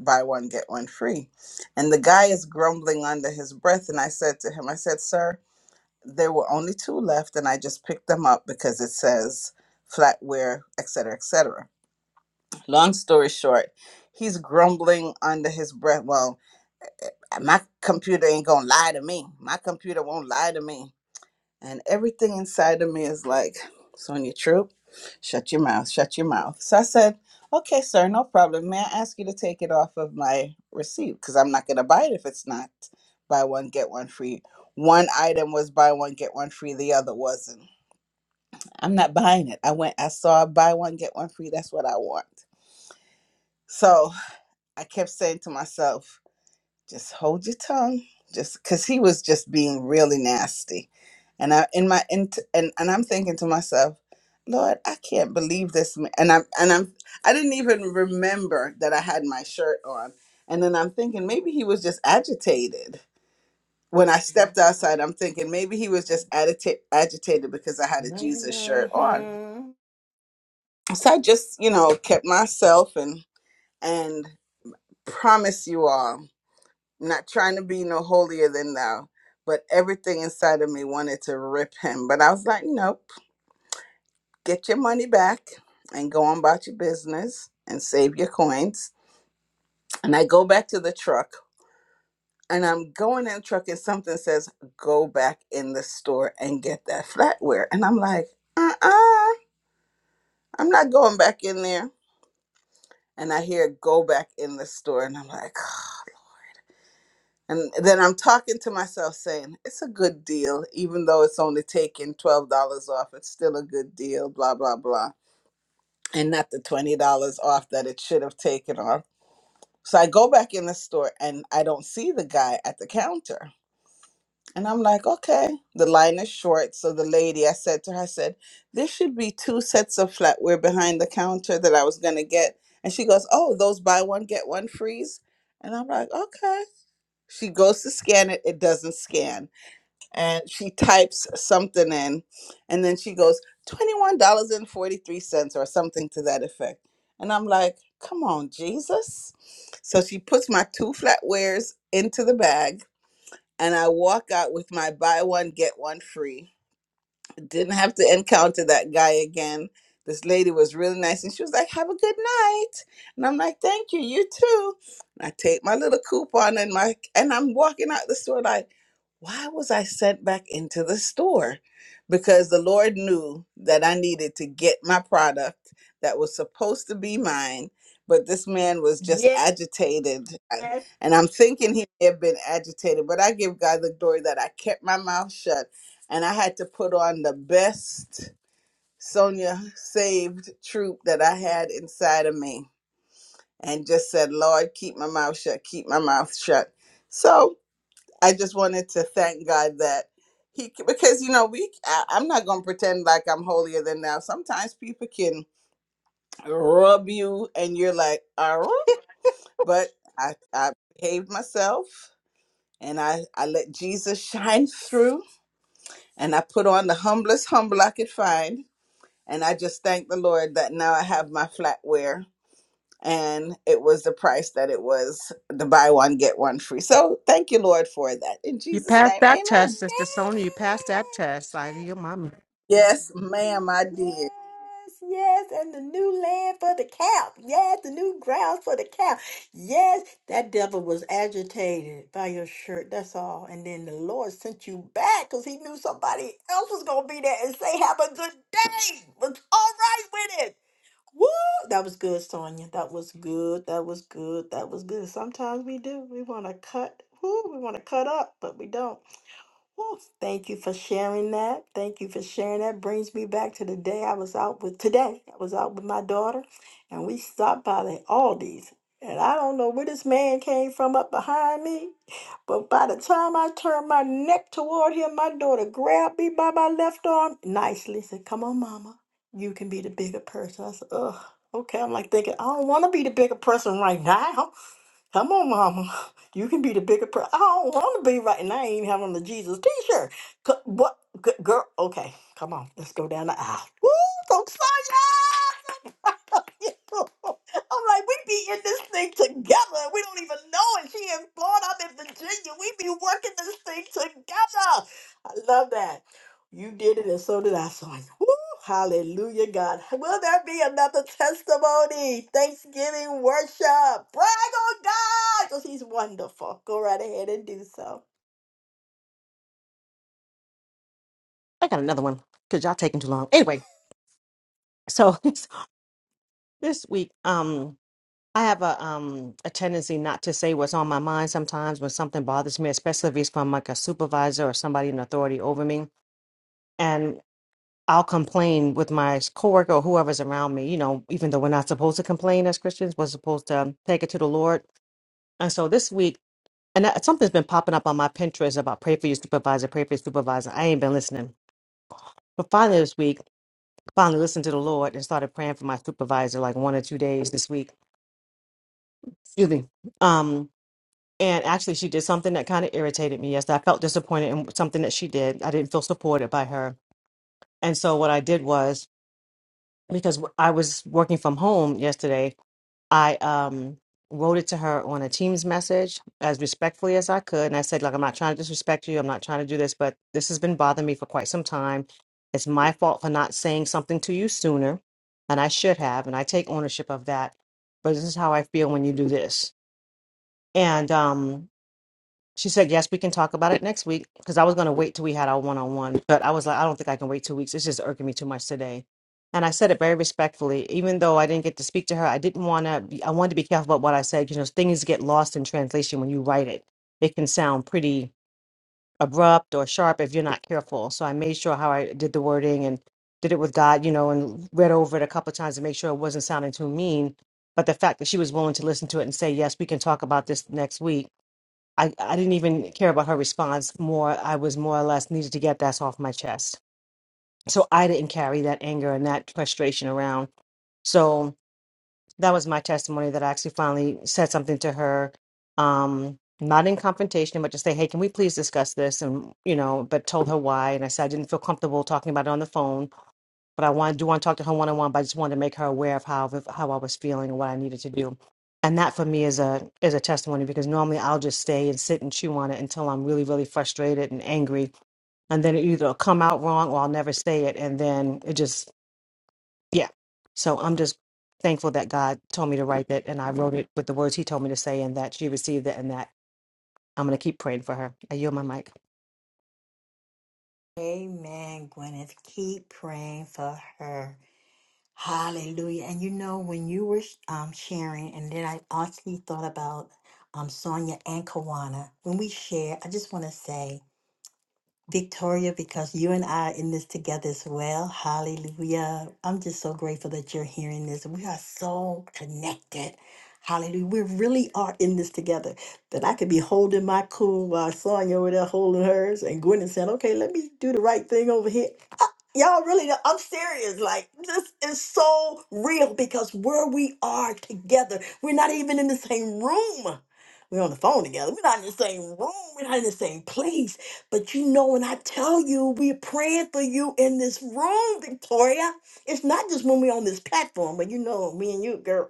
Speaker 3: buy one get one free and the guy is grumbling under his breath and i said to him i said sir there were only two left and i just picked them up because it says flatware etc cetera, etc cetera. long story short he's grumbling under his breath well my computer ain't gonna lie to me my computer won't lie to me and everything inside of me is like sonia troop shut your mouth shut your mouth so i said okay sir no problem may i ask you to take it off of my receipt because i'm not gonna buy it if it's not buy one get one free one item was buy one get one free the other wasn't I'm not buying it. I went, I saw buy one, get one free. That's what I want. So I kept saying to myself, just hold your tongue. Just because he was just being really nasty. And I, in my, in, and, and I'm thinking to myself, Lord, I can't believe this. ma- And I'm, and I'm, I didn't even remember that I had my shirt on. And then I'm thinking maybe he was just agitated. When I stepped outside, I'm thinking maybe he was just agita- agitated because I had a Jesus shirt on
Speaker 1: Mhm.
Speaker 3: so I just, you know, kept myself and and promise you all, not trying to be no holier than thou, but everything inside of me wanted to rip him. But I was like, nope, get your money back and go on about your business and save your coins. And I go back to the truck and I'm going in the truck and something says, go back in the store and get that flatware. And I'm like, uh-uh, I'm not going back in there. And I hear go back in the store and I'm like, And then I'm talking to myself saying, it's a good deal, even though it's only taking $12 off, it's still a good deal, blah, blah, blah. And not the $20 off that it should have taken off. So I go back in the store and I don't see the guy at the counter. And I'm like, okay, the line is short. So the lady, I said to her, I said, there should be two sets of flatware behind the counter that I was going to get. And she goes, oh, those buy one, get one freeze. And I'm like, okay. She goes to scan it, it doesn't scan and she types something in and then she goes $21.43 or something to that effect and i'm like come on jesus so she puts my two flatwares into the bag and i walk out with my buy one get one free didn't have to encounter that guy again this lady was really nice and she was like have a good night and i'm like thank you you too and i take my little coupon and my and i'm walking out the store like why was I sent back into the store? Because the Lord knew that I needed to get my product that was supposed to be mine. But this man was just
Speaker 1: Yes.
Speaker 3: agitated. Uh,
Speaker 1: Man.
Speaker 3: And I'm thinking he may have been agitated, but I give God the glory that I kept my mouth shut and I had to put on the best Sonia saved troop that I had inside of me and just said, Lord, keep my mouth shut, keep my mouth shut. So I just wanted to thank God that he because you know we I, I'm not gonna pretend like I'm holier than thou. Sometimes people can rub you and you're like, all right, but I I behaved myself and I I let Jesus shine through and I put on the humblest humble I could find and I just thank the Lord that now I have my flatware and it was the price that it was the buy one get one free. So thank you Lord for that in
Speaker 5: You
Speaker 3: Jesus
Speaker 5: passed
Speaker 3: name.
Speaker 5: that
Speaker 3: Amen.
Speaker 5: test, Sister Sonia. You passed that test. I, your mom.
Speaker 3: Yes, ma'am, I did.
Speaker 1: Yes, yes, and the new land for the cow. Yes, the new grounds for the cow. Yes, that devil was agitated by your shirt. That's all. And then the Lord sent you back because he knew somebody else was going to be there and say, Have a good day. Was all right with it. Woo! That was good, Sonia. That was good. That was good. That was good. Sometimes we do. We want to cut. Woo, we want to cut up, but we don't. Whew, Thank you for sharing that. Thank you for sharing that. Brings me back to the day I was out with today. I was out with my daughter and we stopped by the Aldi's. And I don't know where this man came from up behind me, but by the time I turned my neck toward him, my daughter grabbed me by my left arm nicely, said, Come on, mama, you can be the bigger person. I said, Ugh, okay. I'm like thinking, I don't want to be the bigger person right now. Come on, mama. You can be the bigger person. I don't want to be right now. I ain't having the Jesus t-shirt. C- What? G- Girl, okay. Come on. Let's go down the aisle. Woo! So excited! I'm like, we be in this thing together. We don't even know it. She in Florida, I'm in Virginia. We be working this thing together. I love that. You did it, and so did I. So I, woo, hallelujah, God. Will there be another testimony? Thanksgiving worship. Brag on God because He's wonderful. Go right ahead and do so.
Speaker 5: I got another one because y'all taking too long. Anyway, so this this week, um, I have a um a tendency not to say what's on my mind sometimes when something bothers me, especially if it's from like a supervisor or somebody in authority over me, and I'll complain with my coworker or whoever's around me. You know, even though we're not supposed to complain as Christians, we're supposed to take it to the Lord. And so this week, and that, something's been popping up on my Pinterest about pray for your supervisor, pray for your supervisor. I ain't been listening. But finally, this week, finally listened to the Lord and started praying for my supervisor like one or two days this week. Excuse me. Um, and actually, she did something that kind of irritated me yesterday. I felt disappointed in something that she did. I didn't feel supported by her. And so, what I did was because I was working from home yesterday. I um wrote it to her on a Teams message as respectfully as I could. And I said, "Like, I'm not trying to disrespect you. I'm not trying to do this, but this has been bothering me for quite some time. It's my fault for not saying something to you sooner. And I should have. And I take ownership of that. But this is how I feel when you do this. And um she said, "Yes, we can talk about it next week." Because I was going to wait till we had our one-on-one, but I was like, "I don't think I can wait two weeks. It's just irking me too much today." And I said it very respectfully, even though I didn't get to speak to her. I didn't want to. be, I wanted to be careful about what I said. You know, things get lost in translation when you write it. It can sound pretty abrupt or sharp if you're not careful. So I made sure how I did the wording and did it with God, you know, and read over it a couple of times to make sure it wasn't sounding too mean. But the fact that she was willing to listen to it and say, "Yes, we can talk about this next week." I, I didn't even care about her response. More, I was more or less needed to get that off my chest. So I didn't carry that anger and that frustration around. So that was my testimony that I actually finally said something to her, um, not in confrontation, but just say, hey, can we please discuss this? And, you know, but told her why. And I said, I didn't feel comfortable talking about it on the phone but I want do want to talk to her one on one. But I just wanted to make her aware of how how I was feeling and what I needed to do. And that for me is a is a testimony because normally I'll just stay and sit and chew on it until I'm really really frustrated and angry, and then it either will come out wrong or I'll never say it, and then it just yeah. So I'm just thankful that God told me to write that, and I wrote it with the words He told me to say, and that she received it, and that I'm gonna keep praying for her. I yield my mic.
Speaker 1: Amen, Gwyneth. Keep praying for her. Hallelujah. And you know, when you were um, sharing, and then I actually thought about um, Sonia and Kawana. When we share, I just want to say, Victoria, because you and I are in this together as well. Hallelujah. I'm just so grateful that you're hearing this. We are so connected. Hallelujah. We really are in this together. That I could be holding my cool while Sonia over there holding hers, and Gwen said, okay, let me do the right thing over here. Y'all really, don't- I'm serious. Like, this is so real because where we are together, we're not even in the same room. We're on the phone together. We're not in the same room. We're not in the same place. But you know, when I tell you, we're praying for you in this room, Victoria. It's not just when we're on this platform, but you know, me and you, girl.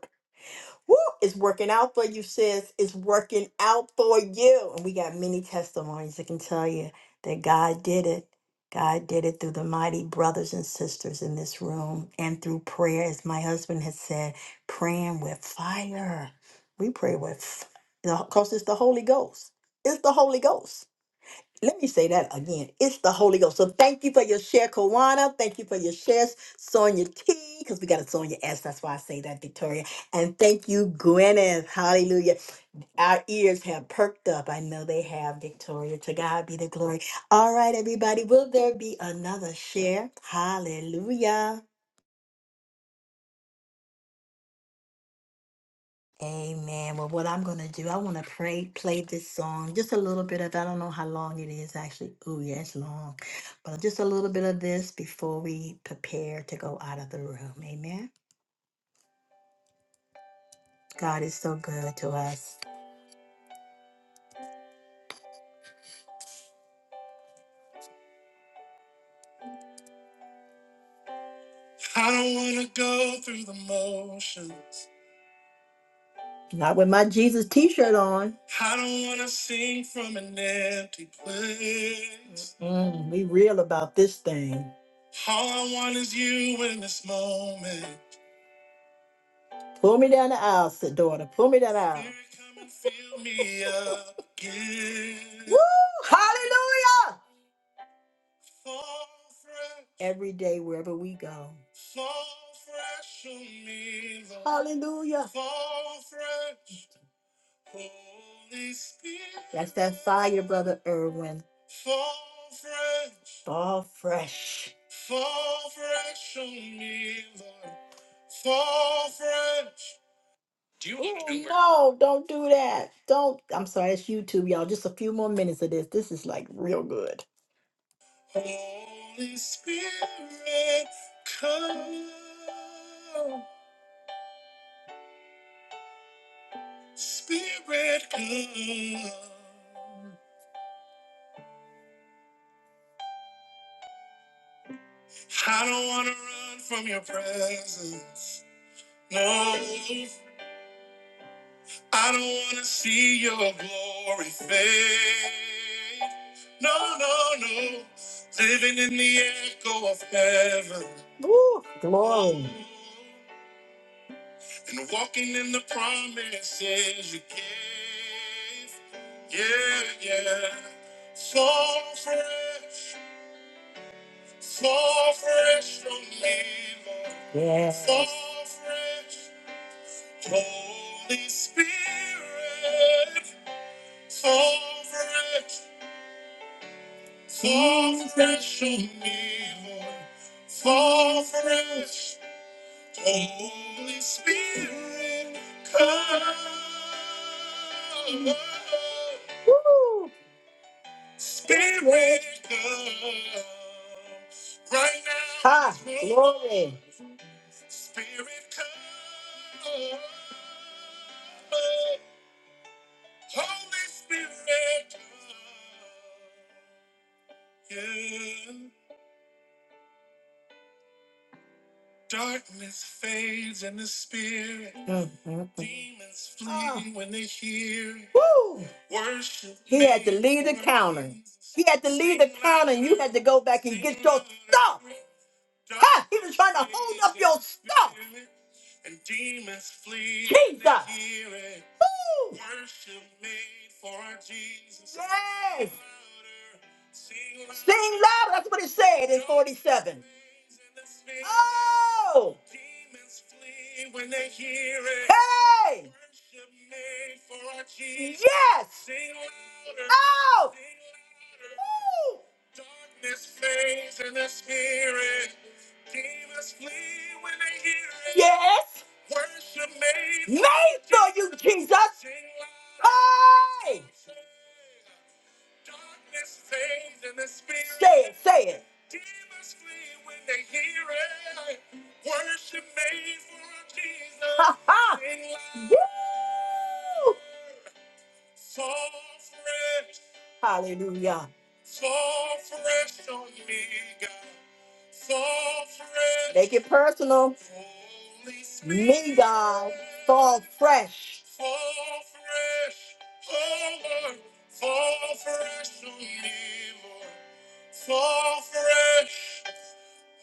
Speaker 1: Woo, it's working out for you, sis. It's working out for you. And we got many testimonies that can tell you that God did it. God did it through the mighty brothers and sisters in this room and through prayer, as my husband has said, praying with fire. We pray with f- the- cause it's the Holy Ghost. It's the Holy Ghost let me say that again. It's the Holy Ghost. So thank you for your share, Kawana. Thank you for your shares, Sonia T, because we got a Sonia S. That's why I say that, Victoria. And thank you, Gwyneth. Hallelujah. Our ears have perked up. I know they have, Victoria. To God be the glory. All right, everybody. Will there be another share? Hallelujah. Amen. Well, what I'm going to do, I want to pray, play this song, just a little bit of, I don't know how long it is actually. Oh, yeah, it's long. But just a little bit of this before we prepare to go out of the room. Amen. God is so good to us. I don't want to go through the motions. Not with my Jesus t shirt on. I don't want to sing from an empty place. Mm, we real about this thing. All I want is you in this moment. Pull me down the aisle, said daughter. Pull me down the aisle. Spirit, come and fill me again. Woo! Hallelujah! Fall fresh. Every day, wherever we go. Fall fresh on me, Lord. Hallelujah. Fall fresh, Holy Spirit. That's that fire, Brother Irwin. Fall fresh. Fall fresh. Fall fresh on me, Lord. Fall fresh. Do you own Ew, Uber? no, don't do that. Don't. I'm sorry, it's YouTube, y'all. Just a few more minutes of this. This is like real good. Holy Spirit, come. Spirit, come. I don't want to run from your presence. No, I don't wanna see your glory fade. No, no, no. Living in the echo of heaven. Woo, glory. And walking in the promises you gave. Yeah, yeah. Fall fresh, fall fresh on me, Lord. Yeah. Fall fresh, Holy Spirit. Fall fresh, fall fresh on me, Lord. Fall fresh, Holy Spirit, come. Woo! Spirit, come. Right now. Ha, glory. Spirit, come. Holy Spirit, come. Yeah. Darkness fades in the spirit. Mhm. Demons flee Ah. when they hear. it. Woo! Worship. He had to lead the counter. He had to lead the counter, and you had to go back and get your stuff. Ha! He was trying to hold up your stuff. And demons flee. Jesus. Woo! Worship made for Jesus. Yes. Sing louder! Sing louder. That's what it said in 47. Oh. Demons flee when they hear it. Hey. Worship made for our Jesus. Yes. Sing louder! Oh. Sing louder. Woo. Darkness fades in the spirit. Yes. Made for you, Jesus. Hey. Say it, say it. Ha ha. Woo! Fall fresh. Hallelujah. Fall fresh on me, God. Fall fresh. Make it personal. Holy Spirit. Me, God. Fall fresh. Fall fresh. Oh, Lord. Fall fresh on me, Lord. Fall fresh.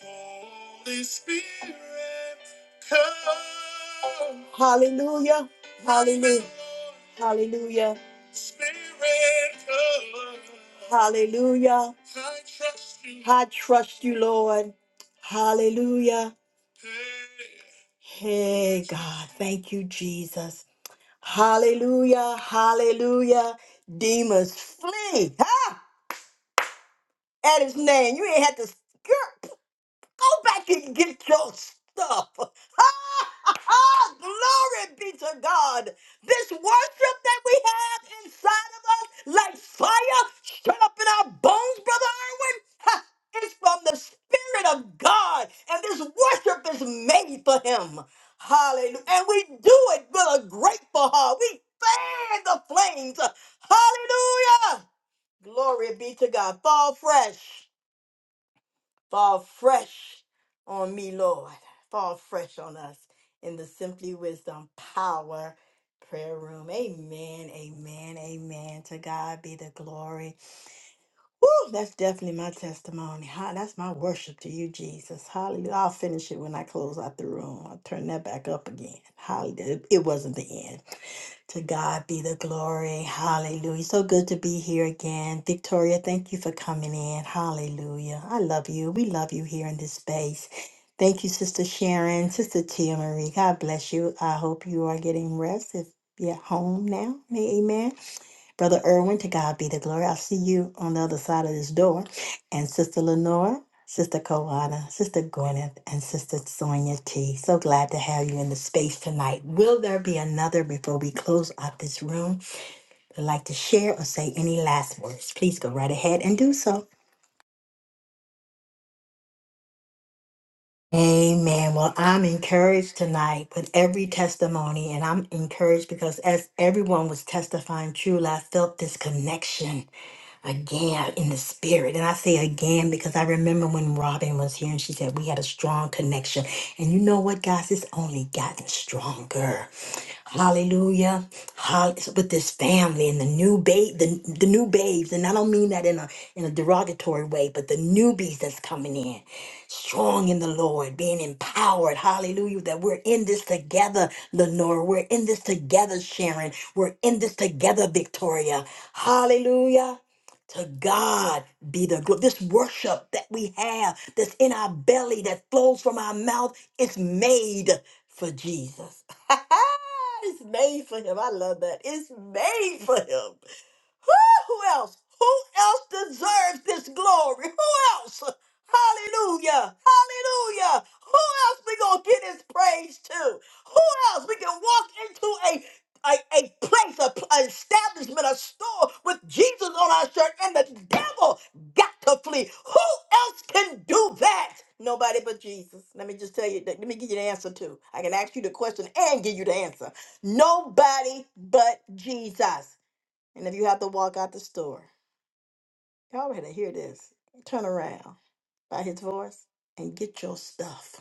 Speaker 1: Holy Spirit, come. Hallelujah. Hallelujah. Hallelujah. Spirit, come. Hallelujah. I trust you. I trust you, Lord. Hallelujah. Hey, God. Thank you, Jesus. Hallelujah. Hallelujah. Demons flee. Huh? At his name. You ain't had to skirt. Go back and get your stuff. Glory be to God. This worship that we have inside of us, like fire, shut up in our bones, Brother Irwin. Ha, It's from the Spirit of God. And this worship is made for Him. Hallelujah. And we do it with a grateful heart. We fan the flames. Hallelujah. Glory be to God. Fall fresh. Fall fresh on me, Lord. Fall fresh on us in the Simply Wisdom Power Prayer Room. Amen, amen, amen. To God be the glory. Woo, that's definitely my testimony. Ha- That's my worship to you, Jesus. Hallelujah. I'll finish it when I close out the room. I'll turn that back up again. Hallelujah. It wasn't the end. To God be the glory. Hallelujah. So good to be here again. Victoria, thank you for coming in. Hallelujah. I love you. We love you here in this space. Thank you, Sister Sharon, Sister Tia Marie. God bless you. I hope you are getting rest if you're at home now. Amen. Brother Irwin, to God be the glory. I see you on the other side of this door. And Sister Lenore, Sister Kawana, Sister Gwyneth, and Sister Sonia T. So glad to have you in the space tonight. Will there be another before we close out this room? Would like to share or say any last words? Please go right ahead and do so. Amen. Well, I'm encouraged tonight with every testimony, and I'm encouraged because as everyone was testifying truly, I felt this connection again in the spirit. And I say again because I remember when Robin was here and she said we had a strong connection. And you know what, guys? It's only gotten stronger. Hallelujah. Hall- With this family and the new babe, the, the new babes, and I don't mean that in a in a derogatory way, but the newbies that's coming in, strong in the Lord, being empowered. Hallelujah. That we're in this together, Lenora. We're in this together, Sharon. We're in this together, Victoria. Hallelujah. To God be the glory. This worship that we have, that's in our belly, that flows from our mouth, is made for Jesus. it's made for him. I love that. It's made for him who else? Who else deserves this glory? Who else? Hallelujah. Hallelujah. Who else we gonna get his praise to? Who else we can walk into a a, a place, a, pl- an establishment, a store with Jesus on our shirt, and the devil got to flee. Who else can do that? Nobody but Jesus. Let me just tell you. Let me give you the answer too. I can ask you the question and give you the answer. Nobody but Jesus. And if you have to walk out the store, y'all better hear this. Turn around by his voice and get your stuff.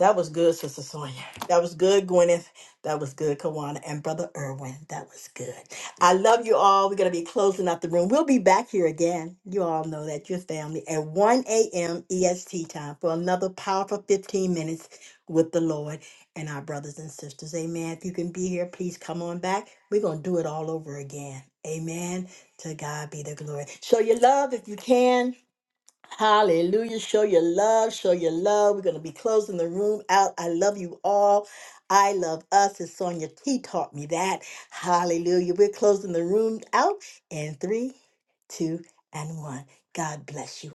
Speaker 1: That was good, Sister Sonia. That was good, Gwyneth. That was good, Kawana. And Brother Irwin, that was good. I love you all. We're going to be closing up the room. We'll be back here again. You all know that, your family, at 1 a.m. EST time for another powerful 15 minutes with the Lord and our brothers and sisters. Amen. If you can be here, please come on back. We're going to do it all over again. Amen. To God be the glory. Show your love if you can Hallelujah. Show your love. Show your love. We're going to be closing the room out. I love you all. I love us. As Sonia T taught me that. Hallelujah. We're closing the room out in three, two, and one. God bless you.